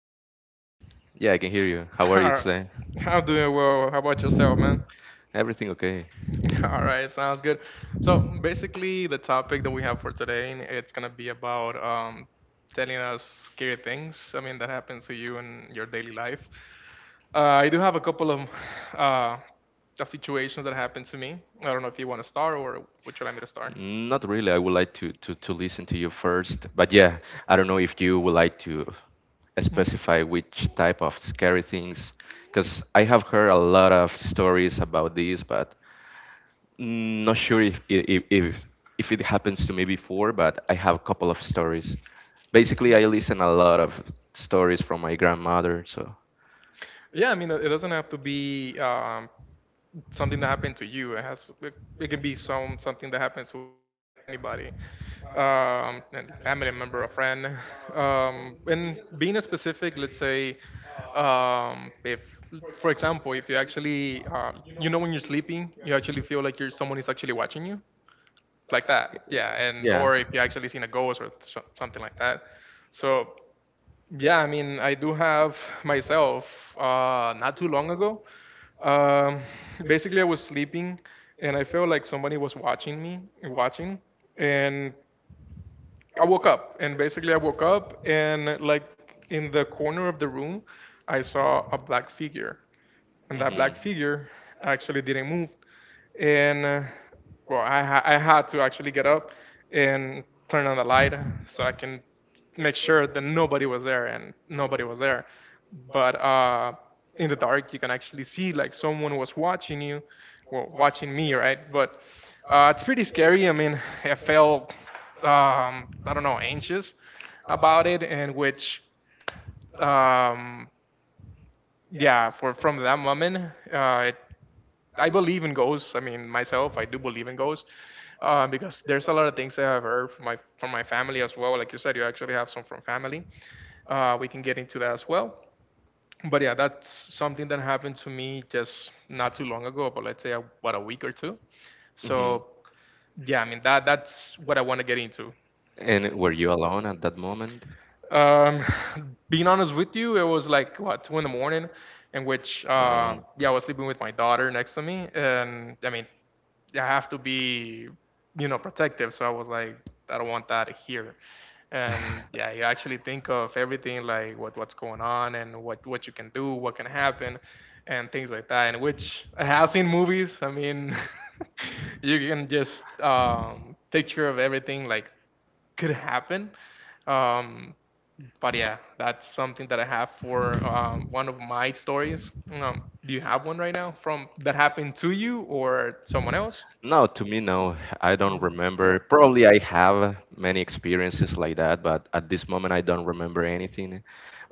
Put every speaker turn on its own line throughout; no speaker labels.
can you hear me?
Yeah, I can hear you. How are you
Alright.
today?
I'm doing well. How about yourself, man?
Everything okay?
All right, sounds good. So basically, the topic that we have for today, it's gonna be about telling us scary things. I mean, that happens to you in your daily life. Uh, I do have a couple of uh, of situations that happened to me. I don't know if you want to start or would you like me to start?
Not really. I would like to listen to you first. But yeah, I don't know if you would like to
Mhm.
specify which type of scary things, because I have heard a lot of stories about this, but not sure if it happens to me before, but I have a couple of stories. Basically, I listen a lot of stories from my grandmother, so
Yeah, I mean, it doesn't have to be something that happened to you. It can be something that happens to anybody, a family member, a friend. And being specific, let's say, if for example, if you actually when you're sleeping, you actually feel like you're someone is actually watching you, like that. Yeah, and
yeah.
or if you actually seen a ghost or so, something like that. So. Yeah, I mean, I do have myself not too long ago. Um, Basically, I was sleeping and I felt like somebody was watching me, watching. And I woke up. And basically, I woke up and, like, in the corner of the room, I saw a black figure. And that
Hmm.
black figure actually didn't move and well, I had to actually get up and turn on the light so I can make sure that nobody was there, and nobody was there. But in the dark, you can actually see like someone was watching you, well, watching me, right? But it's pretty scary. I mean, I felt I don't know anxious about it, and which um, yeah, for from that moment, it I believe in ghosts. I mean, myself, I do believe in ghosts because there's a lot of things I've heard from my family as well. Like you said, you actually have some from family. We can get into that as well. But yeah, that's something that happened to me just not too long ago, but let's say about a week or two.
Hmm.
So yeah, I mean that's what I want to get into.
And were you alone at that moment?
Um, Being honest with you, it was like what 2 in the morning, in which
Um,
yeah, I was sleeping with my daughter next to me, and I mean, I have to be, protective. So I was like, I don't want that here. And yeah, you actually think of everything like what's going on and what you can do, what can happen, and things like that. And which I have seen movies. I mean, you can just picture of everything like could happen. Um, but yeah, that's something that I have for one of my stories. Do you have one right now from that happened to you or someone else?
No, to me, no. I don't remember. Probably I have many experiences like that, but at this moment I don't remember anything.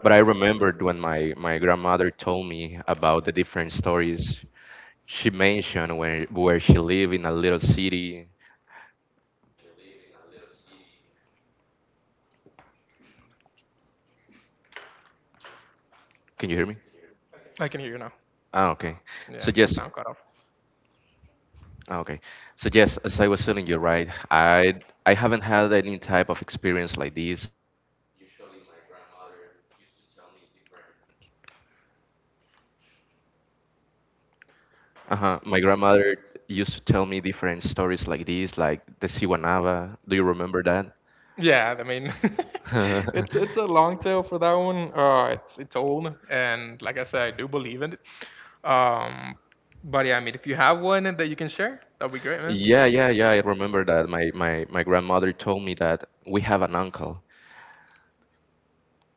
But I remembered when my grandmother told me about the different stories she mentioned where she lived in a little city. Can you hear me?
I can hear you now.
Ah, okay.
Yeah, the
So
sound
yes,
cut off.
ah, okay. So yes, as I was telling you, right, I haven't had any type of experience like this. Usually my grandmother used to tell me different. Uh-huh. My grandmother used to tell me different stories like this, like the Siwanava. Do you remember that?
Yeah, I mean, it's a long tale for that one. It's old, and like I said, I do believe in it. Um, but yeah, I mean, if you have one that you can share, that'd be great, man.
Yeah, yeah, yeah. I remember that. My grandmother told me that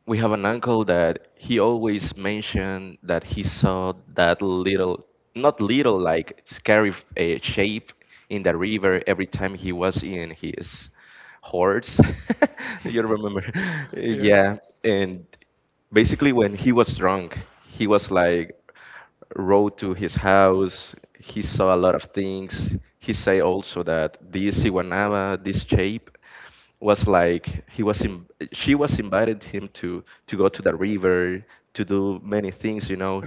We have an uncle that he always mentioned that he saw that little, not little, like scary shape in the river every time he was in his horse. You remember?
Yeah.
Yeah. And basically, when he was drunk, he was like, rode to his house. He saw a lot of things. He say also that this Iwanaba, this shape, was like he was in, she was invited him to go to the river to do many things,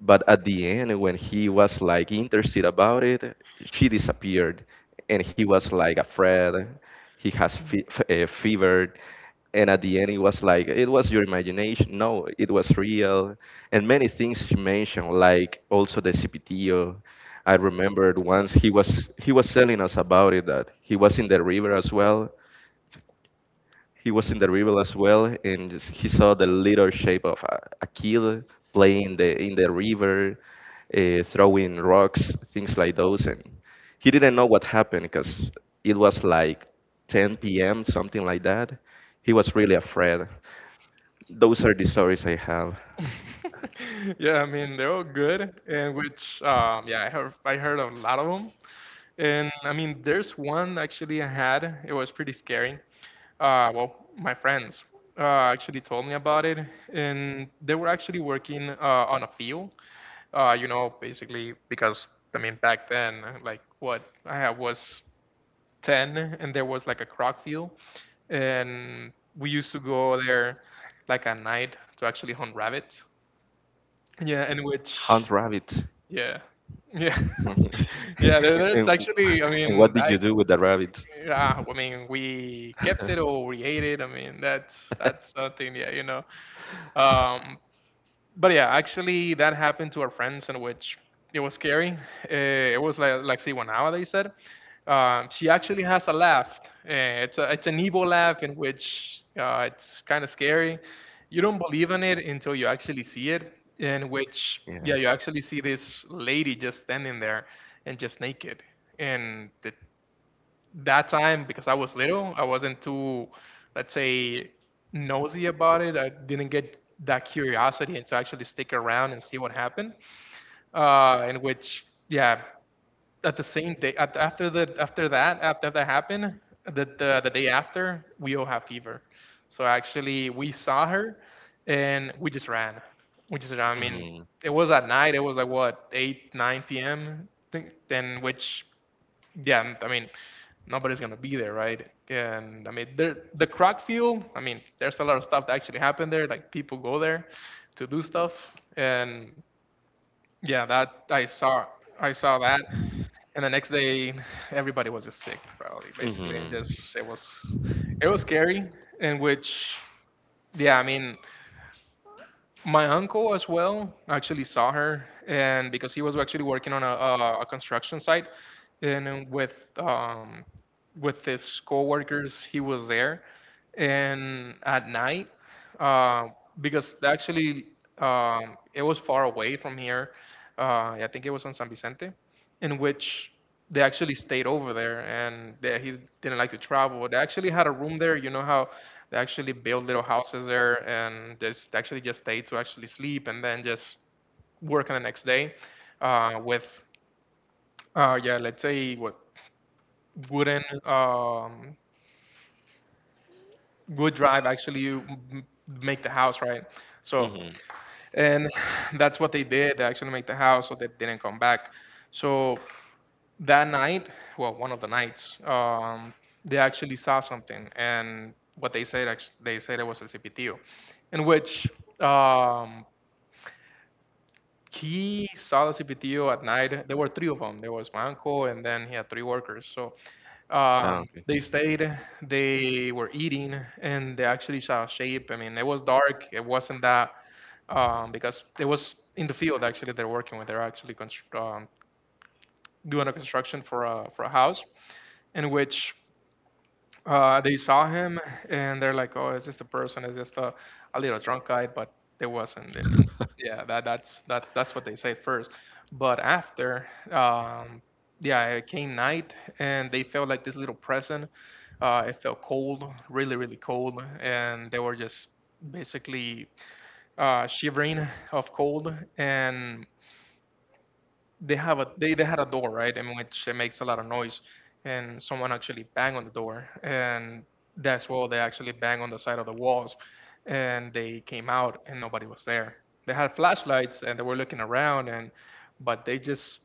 but at the end, when he was like interested about it, she disappeared. And he was like afraid. He has fever. And at the end, it was like, it was your imagination, no, it was real. And many things she mentioned, like, also the cpto. I remembered once, he was telling us about it, that he was in the river as well. He was in the river as well, And he saw the little shape of a kid playing in the river, throwing rocks, things like those. And he didn't know what happened because it was like 10 p.m., something like that. He was really afraid. Those are the stories I have.
Yeah, I mean they're all good, and which yeah, I heard a lot of them, and I mean there's one actually I had. It was pretty scary. Well, my friends actually told me about it, and they were actually working on a field. Basically because I mean back then, like what I had was 10, and there was like a croc field, and we used to go there like at night to actually hunt rabbits. Yeah, in
Hunt
which
rabbits.
yeah. Yeah. Yeah, there's
and,
actually I
and what
mean,
did
I
you do with the rabbits?
yeah, I mean, we kept it or we ate it. I mean, that's something, yeah, you know. Um, but yeah, actually, that happened to our friends, in which it was scary. Uh, it was like see what nowadays said. She actually has a laugh. It's an evil laugh in which it's kind of scary. You don't believe in it until you actually see it. In which yeah,
Yes.
you actually see this lady just standing there and just naked, and it that time because I was little, I wasn't too, let's say, nosy about it. I didn't get that curiosity and to actually stick around and see what happened. And which, yeah, at the same day, after that happened, the day after, we all have fever. So actually, we saw her, and we just ran. We just ran. I mean,
Hmm.
it was at night. It was like what 8, 9 p.m. Think, then which yeah, and, I mean, nobody's gonna be there, right? And I mean, there the crack field. I mean, there's a lot of stuff that actually happened there. Like people go there to do stuff, and yeah, that I saw that. And the next day, everybody was just sick, probably basically,
Hmm.
and just it was scary. In which, yeah, I mean, my uncle as well actually saw her, and because he was actually working on a construction site, and with his coworkers. He was there, and at night, uh, because actually it was far away from here. I think it was on San Vicente, in which they actually stayed over there, and they, he didn't like to travel. They actually had a room there. You know how they actually build little houses there, and just actually just stay to actually sleep, and then just work on the next day with yeah, let's say what wooden wood drive actually make the house right so
Hmm.
and that's what they did they actually make the house so they didn't come back so that night well one of the nights they actually saw something and what they said actually, they said it was el cipitio in which um, he saw the CPTO at night. There were three of them. There was my uncle, and then he had three workers. So
Ah, okay.
they stayed, they were eating, and they actually saw a shape. I mean, it was dark. It wasn't that because it was in the field actually. They're working with. They're actually doing a construction for a house in which they saw him and they're like, "Oh, it's just a person. It's just a little drunk guy." But they wasn't. I mean, yeah, that's what they say first. But after, um, yeah, it came night and they felt like this little present. It felt cold, really, really cold, and they were just basically shivering of cold. And they had a door right in which it makes a lot of noise and someone actually bang on the door and that's why they actually bang on the side of the walls and they came out and nobody was there they had flashlights and they were looking around and but they just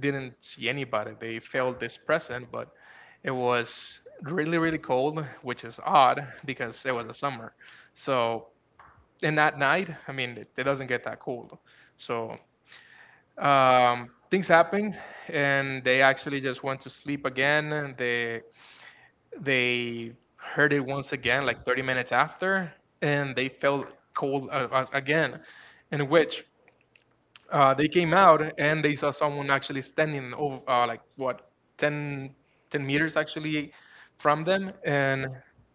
didn't see anybody they felt this present but it was really, really cold which is odd because it was the summer so in that night I mean it doesn't get that cold so things happened and they actually just went to sleep again and they heard it once again like 30 minutes after and they felt cold again in which they came out and they saw someone actually standing over like what 10, 10 meters actually from them and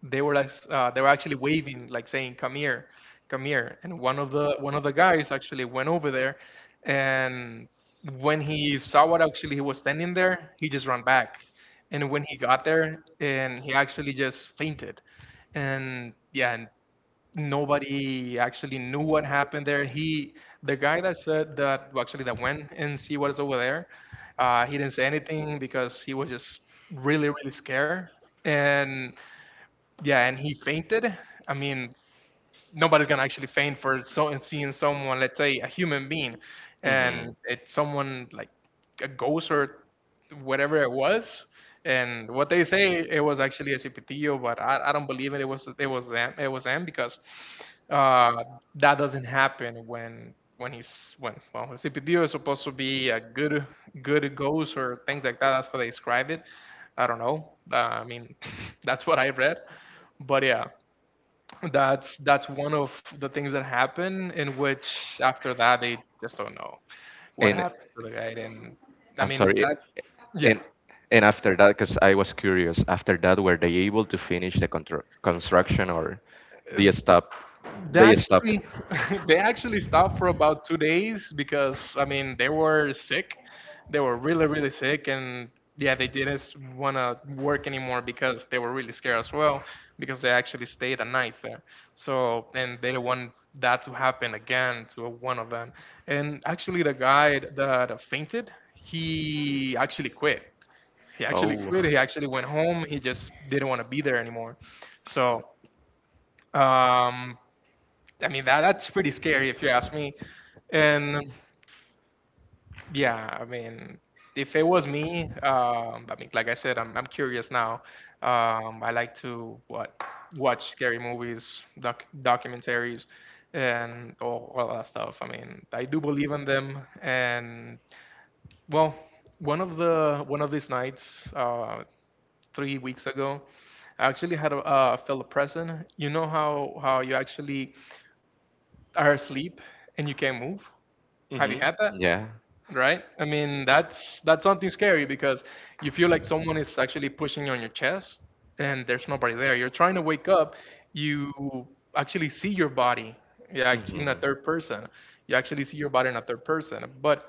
they were like they were actually waving like saying come here and one of the guys actually went over there and when he saw what actually he was standing there he just ran back and when he got there and he actually just fainted and yeah and nobody actually knew what happened there. He, the guy that said that, well, actually that went and see what is over there, he didn't say anything because he was just really, really scared. And yeah, and he fainted. I mean, nobody's gonna actually faint for so seeing someone, let's say a human being, and
Hmm.
it's someone like a ghost or whatever it was. And what they say it was actually a cipitillo, but I don't believe it. It was it was them because uh, that doesn't happen when he's when well a cipitillo is supposed to be a good ghost or things like that. That's how they describe it. I don't know. That's what I read, but yeah, that's one of the things that happen, in which after that they just don't know what
And
happened to the guy. And I
I'm
mean
sorry.
that Yeah.
And and after that, because I was curious, after that, were they able to finish the contr construction, or they stopped?
They
They stopped.
actually they actually stopped for about 2 days because I mean they were sick. They were really sick. And yeah, they didn't want to work anymore because they were really scared as well, because they actually stayed a night there. So, and they don't want that to happen again to one of them. And actually the guy that fainted, he actually quit. He actually
Oh.
quit. He actually went home. He just didn't want to be there anymore. So, um, I mean that's pretty scary if you ask me. And yeah, I mean, if it was me, I mean, like I said, I'm curious now. I like to what watch scary movies, documentaries, and all that stuff. I mean, I do believe in them. And well, one of these nights, 3 weeks ago, I actually had a fellow present. You know how you actually are asleep and you can't move. Have you
Hmm.
had that? Right? I mean, that's something scary because you feel like someone is actually pushing on your chest, and there's nobody there. You're trying to wake up, you actually see your body, yeah,
Yeah.
in a
Hmm.
third person. You actually see your body in a third person. But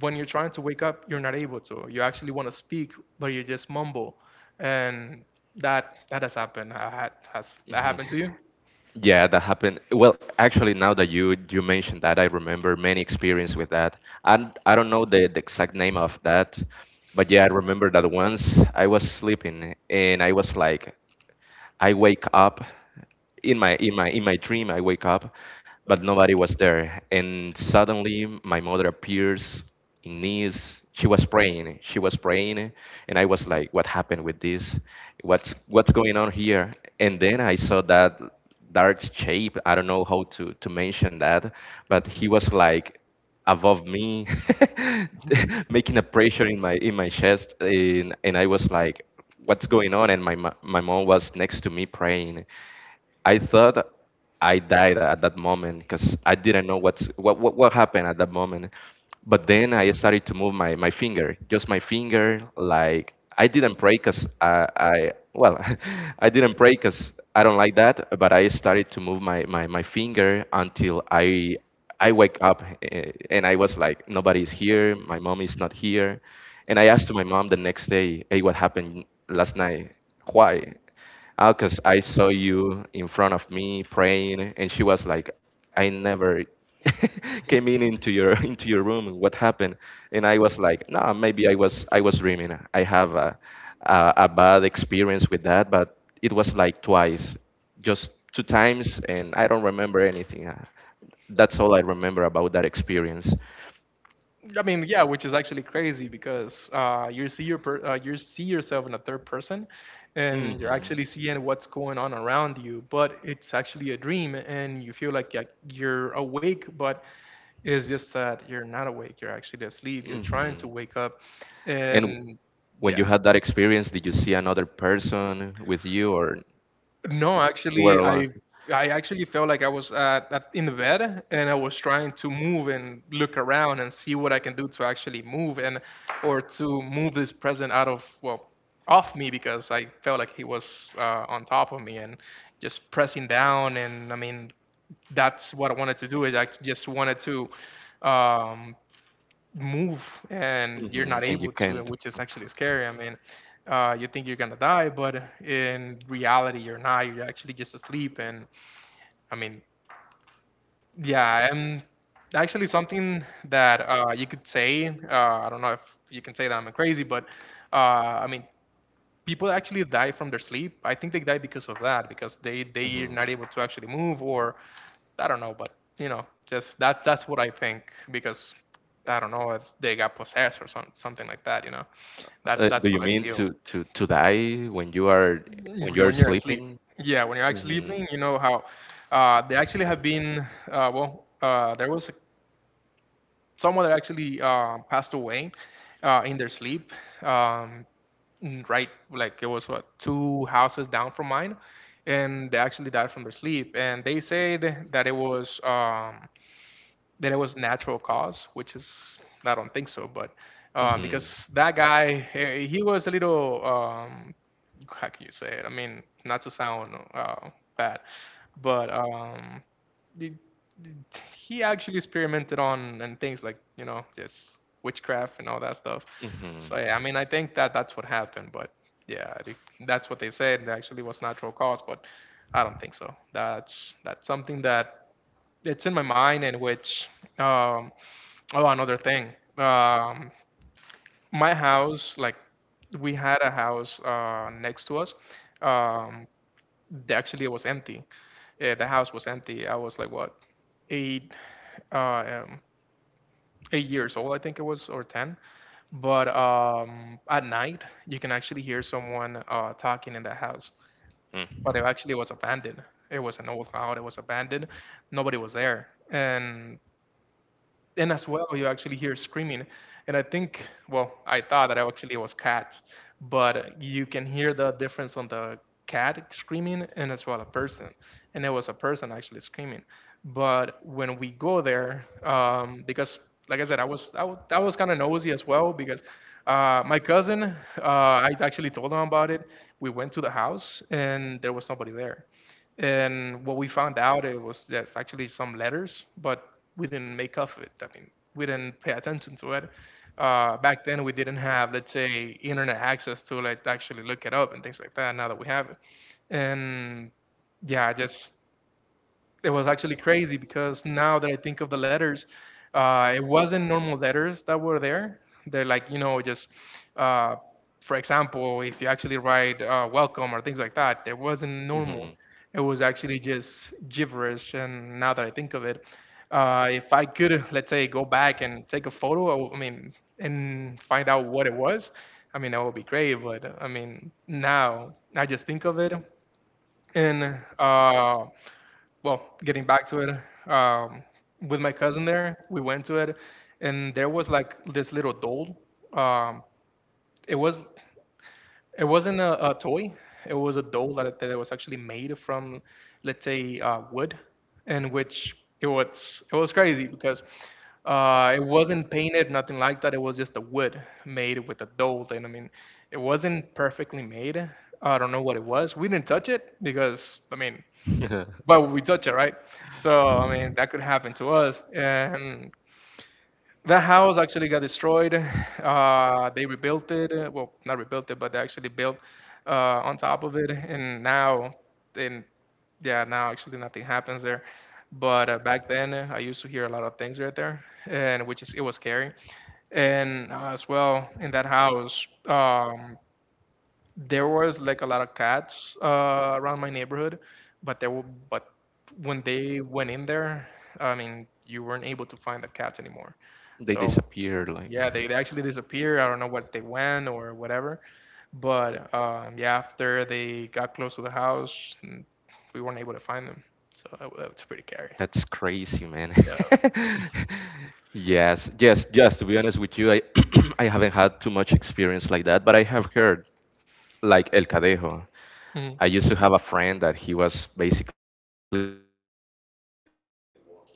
when you're trying to wake up, you're not able to. You actually want to speak, but you just mumble. And that has happened. Has that
Hmm.
happened to you?
Yeah, that happened. Well, actually, now that you mentioned that, I remember many experience with that. And I don't know the exact name of that, but yeah, I remember that once I was sleeping and I was like, I wake up in my dream. I wake up, but nobody was there. And suddenly, my mother appears in knees. She was praying. She was praying, and I was like, "What happened with this? What's going on here?" And then I saw that dark shape. I don't know how to mention that, but he was like above me making a pressure in my chest. And I was like, what's going on, and my mom was next to me praying. I thought I died at that moment because I didn't know what's, what happened at that moment. But then I started to move my finger, just my finger. Like I didn't pray because I well, I didn't pray because I don't like that. But I started to move my finger until I wake up, and I was like, nobody's here. My mom is not here. And I asked to my mom the next day, hey, what happened last night? Why? Oh, because I saw you in front of me praying, and she was like, I never came in into your into your room. And what happened? And I was like, no, maybe I was dreaming. I have a bad experience with that, but it was like twice, just two times, and I don't remember anything. That's all I remember about that experience.
I mean, yeah, which is actually crazy because you see your per you see yourself in a third person,
Hmm.
and you're
Hmm.
actually seeing what's going on around you. But it's actually a dream, and you feel like, yeah, you're awake, but it's just that you're not awake. You're actually asleep. You're trying to wake up,
And
and
when you
yeah.
had that experience, did you see another person with you, or
No,
you were
actually,
alone?
I actually felt like I was in the bed, and I was trying to move and look around and see what I can do to actually move, and or to move this present out of, well, off me, because I felt like he was on top of me and just pressing down. And I mean, that's what I wanted to do, is I just wanted to um, move, and you're
Hmm.
not
And you
able to, and
can't.
which is actually scary. I mean, you think you're gonna die, but in reality, you're not. You're actually just asleep. And I mean, yeah, and actually something that you could say. I don't know if you can say that I'm crazy, but I mean, people actually die from their sleep. I think they die because of that, because they're
Mhm.
not able to actually move, or I don't know, but you know, just that's what I think. Because I don't know, it's, they got possessed or something like that. You know, that
Do
that's
you
what I
mean
feel
to die when you are
when you're asleep.
sleeping?
Yeah, when you're actually
Hmm.
sleeping, you know how they actually have been. There was a someone that actually passed away in their sleep. Um, right, like it was what, two houses down from mine, and they actually died from their sleep. And they said that it was, that it was natural cause, which is, I don't think so, but because that guy, he was a little, how can you say it? I mean, not to sound bad, but he, he actually experimented on and things like, you know, just witchcraft and all that stuff.
Hmm.
So yeah, I mean, I think that that's what happened, but yeah, I think that's what they said. It actually was natural cause, but I don't think so. That's something that it's in my mind, and which um oh, another thing, um my house, like, we had a house next to us. um Actually, it was empty. Yeah, the house was empty. I was like, what, eight, uh um, 8 years old, I think it was, or 10. But at night you can actually hear someone talking in the house,
Hmm.
but it actually was abandoned. It was an old house, it was abandoned, nobody was there. And as well, you actually hear screaming. And I think, well, I thought that I actually was cats, but you can hear the difference on the cat screaming and as well a person. And it was a person actually screaming. But when we go there, because like I said, I was kind of nosy as well, because my cousin, uh, I actually told him about it. We went to the house, and there was nobody there. And what we found out, it was just actually some letters, but we didn't make off of it. I mean, we didn't pay attention to it. Back then, we didn't have, let's say, internet access to like actually look it up and things like that. Now that we have it, and yeah, I just it was actually crazy because now that I think of the letters, it wasn't normal letters that were there. They're like, you know, just, uh, for example, if you actually write, welcome or things like that, there wasn't normal. It was actually just gibberish. And now that I think of it, if I could, let's say, go back and take a photo, I mean, and find out what it was, I mean, that would be great. But I mean, now I just think of it. And uh, well, getting back to it, with my cousin there, we went to it, and there was like this little doll. Um, it was, it wasn't a toy. It was a doll that, that was actually made from, let's say, wood, and which it was crazy because it wasn't painted, nothing like that. It was just a wood made with a doll, and I mean, it wasn't perfectly made. I don't know what it was. We didn't touch it, because I mean,
Mhm.
but we touch it, right? So I mean, that could happen to us. And that house actually got destroyed. They rebuilt it. Well, not rebuilt it, but they actually built uh, on top of it. And now, and yeah, now actually nothing happens there. But back then, I used to hear a lot of things right there, and which is it was scary. And as well in that house, there was like a lot of cats around my neighborhood, but there were but when they went in there, I mean, you weren't able to find the cats anymore.
They
So
disappear like.
yeah, they actually disappeared. I don't know what they went or whatever. But yeah, after they got close to the house, we weren't able to find them. So that was pretty scary.
That's crazy, man.
So,
Yes, yes, yes, to be honest with you, I I haven't had too much experience like that, but I have heard, like, El Cadejo.
mhm.
I used to have a friend that he was basically walking in the street in the middle of the night.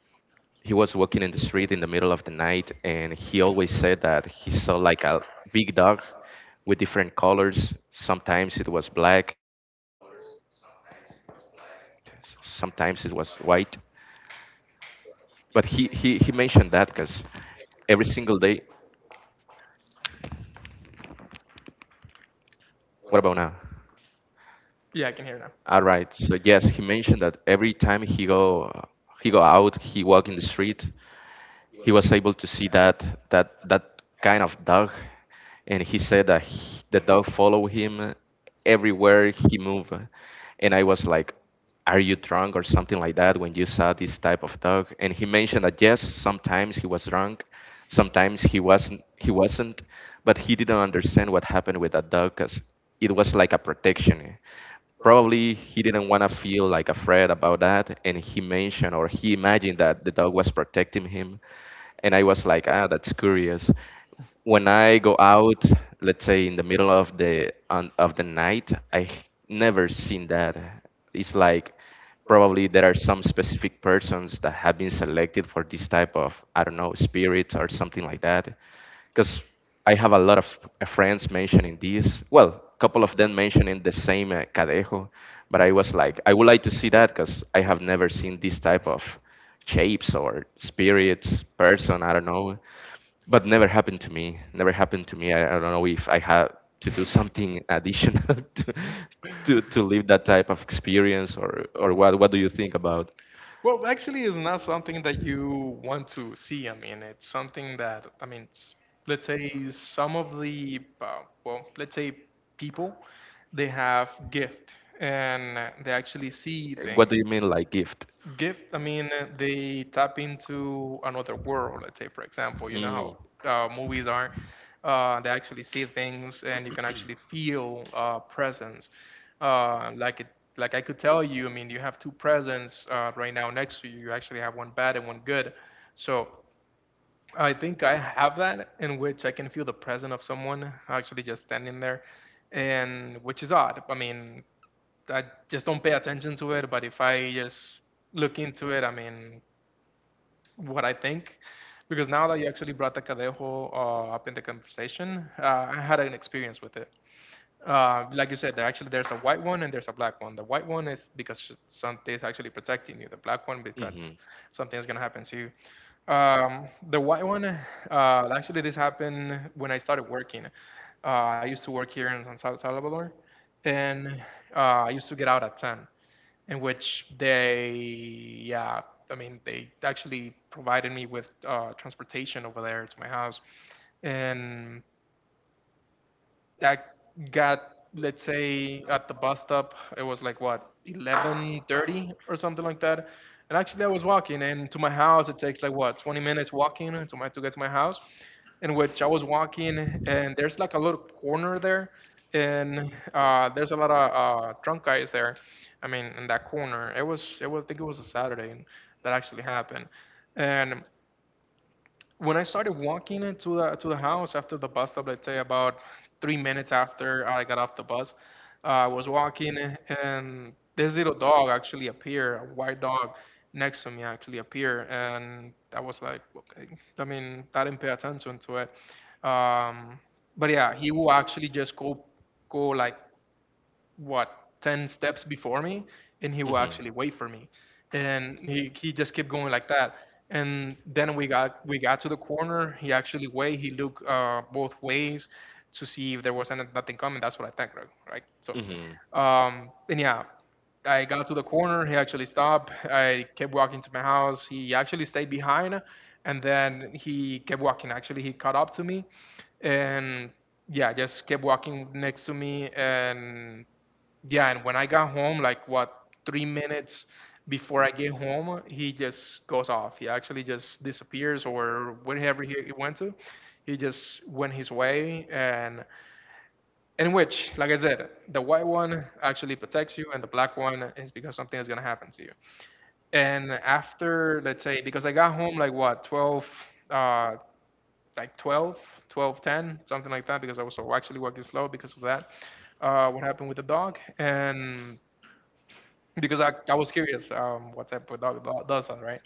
He was walking in the street in the middle of the night, and he always said that he saw like a big dog with different colors. Sometimes it was black, sometimes it was white. But he mentioned that because every single day. What about now?
Yeah, I can hear now.
All right. So yes, he mentioned that every time he go out, he walk in the street. He was able to see that kind of dog, and he said that the dog followed him everywhere he moved, and I was like, "Are you drunk or something like that when you saw this type of dog?" And he mentioned that yes, sometimes he was drunk, sometimes he wasn't, but he didn't understand what happened with that dog because it was like a protection. Probably he didn't want to feel like afraid about that, and he mentioned or he imagined that the dog was protecting him, and I was like, ah, that's curious. When I go out, let's say in the middle of the of the night, I never seen that. It's like, probably there are some specific persons that have been selected for this type of, I don't know, spirit or something like that, because I have a lot of friends mentioning this, well, a couple of them mentioning the same cadejo, but I was like, I would like to see that because I have never seen this type of shapes or spirits, person, I don't know. But never happened to me. Never happened to me. I don't know if I had to do something additional to live that type of experience, or what do you think about?
Well, actually, it's not something that you want to see. I mean, it's something that, I mean, let's say some of the, let's say people, they have gift and they actually see
What do you
things.
mean, like, gift?
Gift, I mean, they tap into another world. Let's say, for example, you know how
Mm.
movies are, they actually see things, and you can actually feel presence, like it, like I could tell you. I mean, you have two presents right now next to you. You actually have one bad and one good. So, I think I have that, in which I can feel the presence of someone actually just standing there. And which is odd, I mean, I just don't pay attention to it. But if I just look into it, I mean, what I think, because now that you actually brought the Cadejo up in the conversation, I had an experience with it. Like you said, there actually there's a white one and there's a black one. The white one is because something's actually protecting you. The black one because something's gonna happen to you. The white one, actually, this happened when I started working. I used to work here in Salvador, and I used to get out at 10, in which they, yeah, I mean, they actually provided me with transportation over there to my house. And I got, let's say, at the bus stop, it was like what, 11:30 or something like that. And actually, I was walking, and to my house, it takes like what, 20 minutes walking to get to my house. In which I was walking, and there's like a little corner there, and there's a lot of drunk guys there. I mean, in that corner, it was I think it was a Saturday that actually happened, and when I started walking into the house after the bus stop, let's say about 3 minutes after I got off the bus, I was walking and this little dog actually appeared, a white dog next to me actually appeared, and I was like, okay, I mean, I didn't pay attention to it, um, but yeah, he will actually just go like what 10 steps before me, and he will actually wait for me, and he just kept going like that. And then we got to the corner. He actually wait he looked both ways to see if there was any, nothing coming. That's what I think, right, right? So
Mm-hmm.
and yeah, I got to the corner. He actually stopped. I kept walking to my house. He actually stayed behind, and then he kept walking. Actually, he caught up to me, and yeah, just kept walking next to me. And yeah, and when I got home, like what 3 minutes before I get home, he just goes off. He actually just disappears or wherever he went to. He just went his way, and in which, like I said, the white one actually protects you, and the black one is because something is gonna happen to you. And after, let's say, because I got home like what 12, uh, like 12, 12, 10, something like that, because I was so actually working slow because of that. What happened with the dog? And because I was curious, what type of dog does that, right?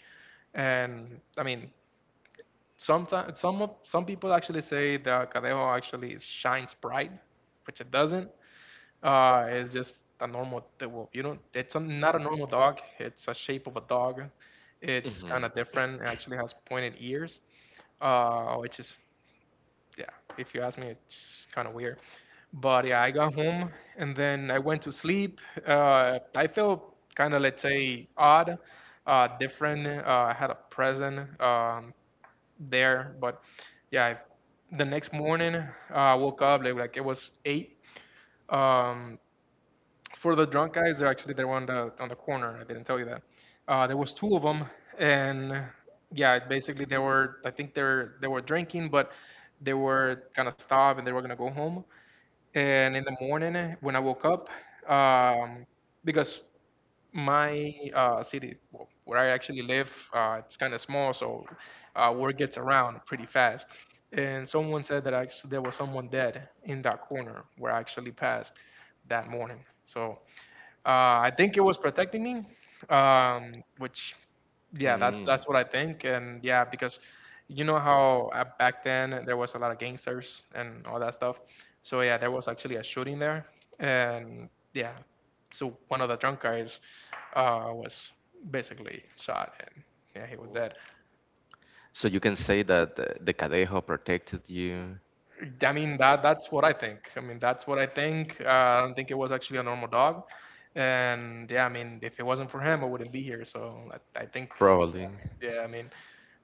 And I mean, sometimes some people actually say that Cadejo actually shines bright, which it doesn't. It's just a normal, well, you know, it's a, not a normal dog. It's a shape of a dog. It's kind of different. It actually has pointed ears, which is, yeah, if you ask me, it's kind of weird. But yeah, I got home and then I went to sleep. I felt kind of, let's say, odd, different. I had a present there, but yeah, I, the next morning I woke up like it was 8. Um, for the drunk guys, they were on the corner. I didn't tell you that. There was 2 of them, and yeah, basically they were. I think they were drinking, but they were gonna stop and they were gonna go home. And in the morning, when I woke up, um, because my city, well, where I actually live, it's kind of small, so word gets around pretty fast. And someone said that actually there was someone dead in that corner where I actually passed that morning. So uh, I think it was protecting me, which yeah, that's what I think. And yeah, because you know how back then there was a lot of gangsters and all that stuff. So yeah, there was actually a shooting there, and yeah, so one of the drunk guys was basically shot, and yeah, he was dead.
So you can say that the Cadejo protected you.
I mean, that's what I think. I mean that's what I think. Uh, I don't think it was actually a normal dog. And yeah, I mean, if it wasn't for him, I wouldn't be here, so I think,
Probably.
yeah, I mean,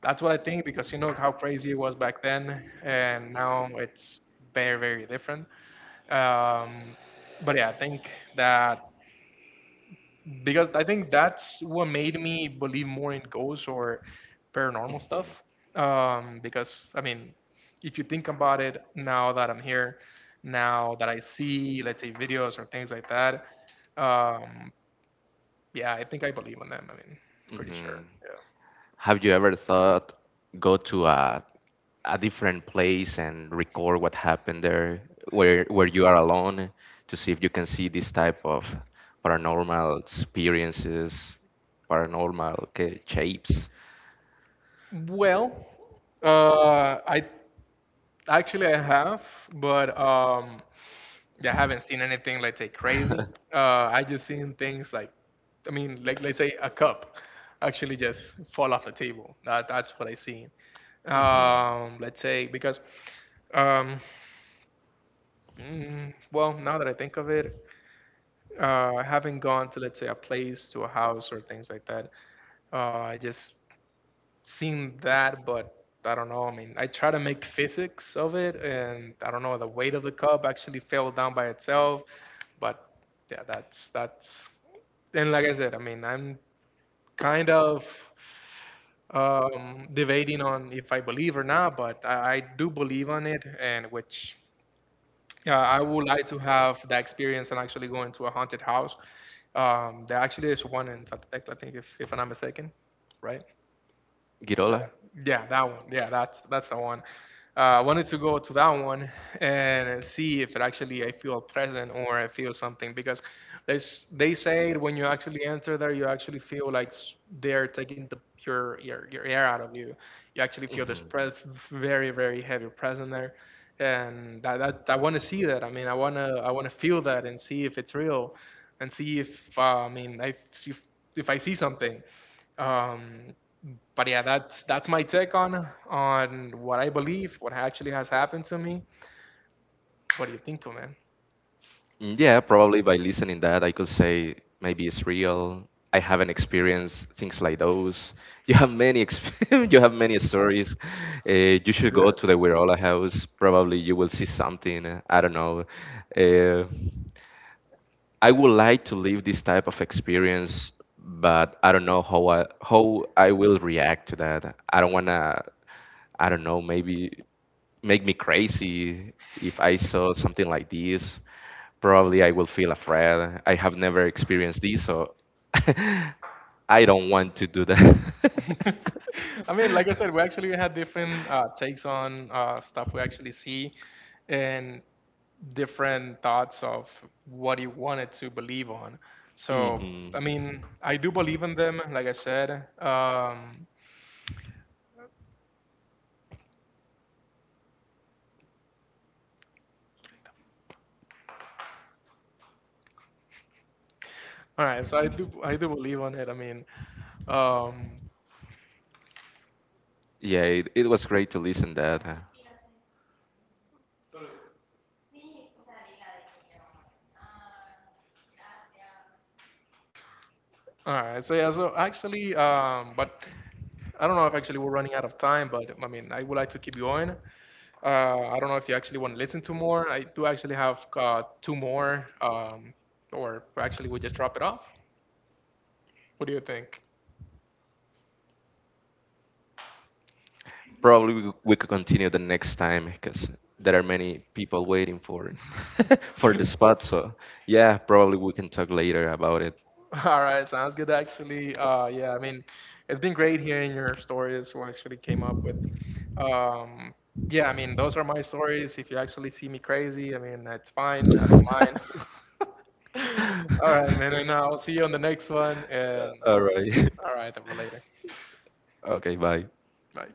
that's what I think, because you know how crazy it was back then, and now it's very different. um, but yeah, I think that, because I think that's what made me believe more in ghosts or paranormal stuff. Because I mean, if you think about it, now that I'm
Mhm.
here, now that I see, let's say, videos or things like that, um, yeah, I think I believe in them. I mean, pretty
Hmm.
sure. Yeah.
Have you ever thought, go to a different place and record what happened there, where you are alone, to see if you can see this type of paranormal experiences, paranormal shapes?
Well, I actually I have, but I haven't seen anything, let's say, crazy. Uh, I just seen things like, I mean, like, let's say, a cup actually just fall off the table. That's what I seen.
Mhm.
Let's say because um, mm, well, now that I think of it, I haven't gone to, let's say, a place, to a house or things like that. Uh, I just seen that, but I don't know. I mean, I try to make physics of it, and I don't know. The weight of the cup actually fell down by itself, but yeah, that's that's. And like I said, I mean, I'm kind of debating on if I believe or not, but I do believe on it, and which yeah, I would like to have that experience and actually go into a haunted house. There actually is one in Zacatecas, I think, if I'm not mistaken, right?
Girola.
Yeah, that one. Yeah, that's the one. I wanted to go to that one and see if it actually I feel present or I feel something, because there's they say when you actually enter there, you actually feel like they're taking the your air out of you. You actually feel this
Mhm.
pres very heavy present there, and that I want to see that. I mean, I wanna feel that and see if it's real, and see if I mean I see if I see something. Um, but yeah, that's my take on what I believe, what actually has happened to me. What do you think, man?
Yeah, probably by listening that, I could say maybe it's real. I haven't experienced things like those. You have many you have many stories. You should go
Yeah.
to the Werola house. Probably you will see something. I don't know. Uh, I would like to live this type of experience, but I don't know how I will react to that. I don't wanna, I don't know, maybe make me crazy if I saw something like this. Probably I will feel afraid. I have never experienced this, so I don't want to do
I mean, like I said, we actually had different takes on stuff we actually see,
that.
and different thoughts of what he wanted to believe on. So, I mean, I do believe in them, like I said. Um, all right, so I do believe on it. I mean, um,
Yeah, it was great to listen that.
all right. So yeah. So actually, but I don't know if actually we're running out of time, but I mean, I would like to keep going. I don't know if you actually want to listen to more. I do actually have two more, or actually we just drop it off. What do you think?
Probably we could continue the next time because there are many people waiting for for the spot. So yeah, probably we can talk later about
All right, sounds good actually. Yeah, I mean, it's been great hearing your stories, what actually came up with. Um, yeah, I mean, those are my stories. If you actually see me crazy, I mean, that's fine. I don't
it.
mind. All right, man, and I'll see you on the next one. And
All right.
all right, then later.
Okay, bye.
Bye.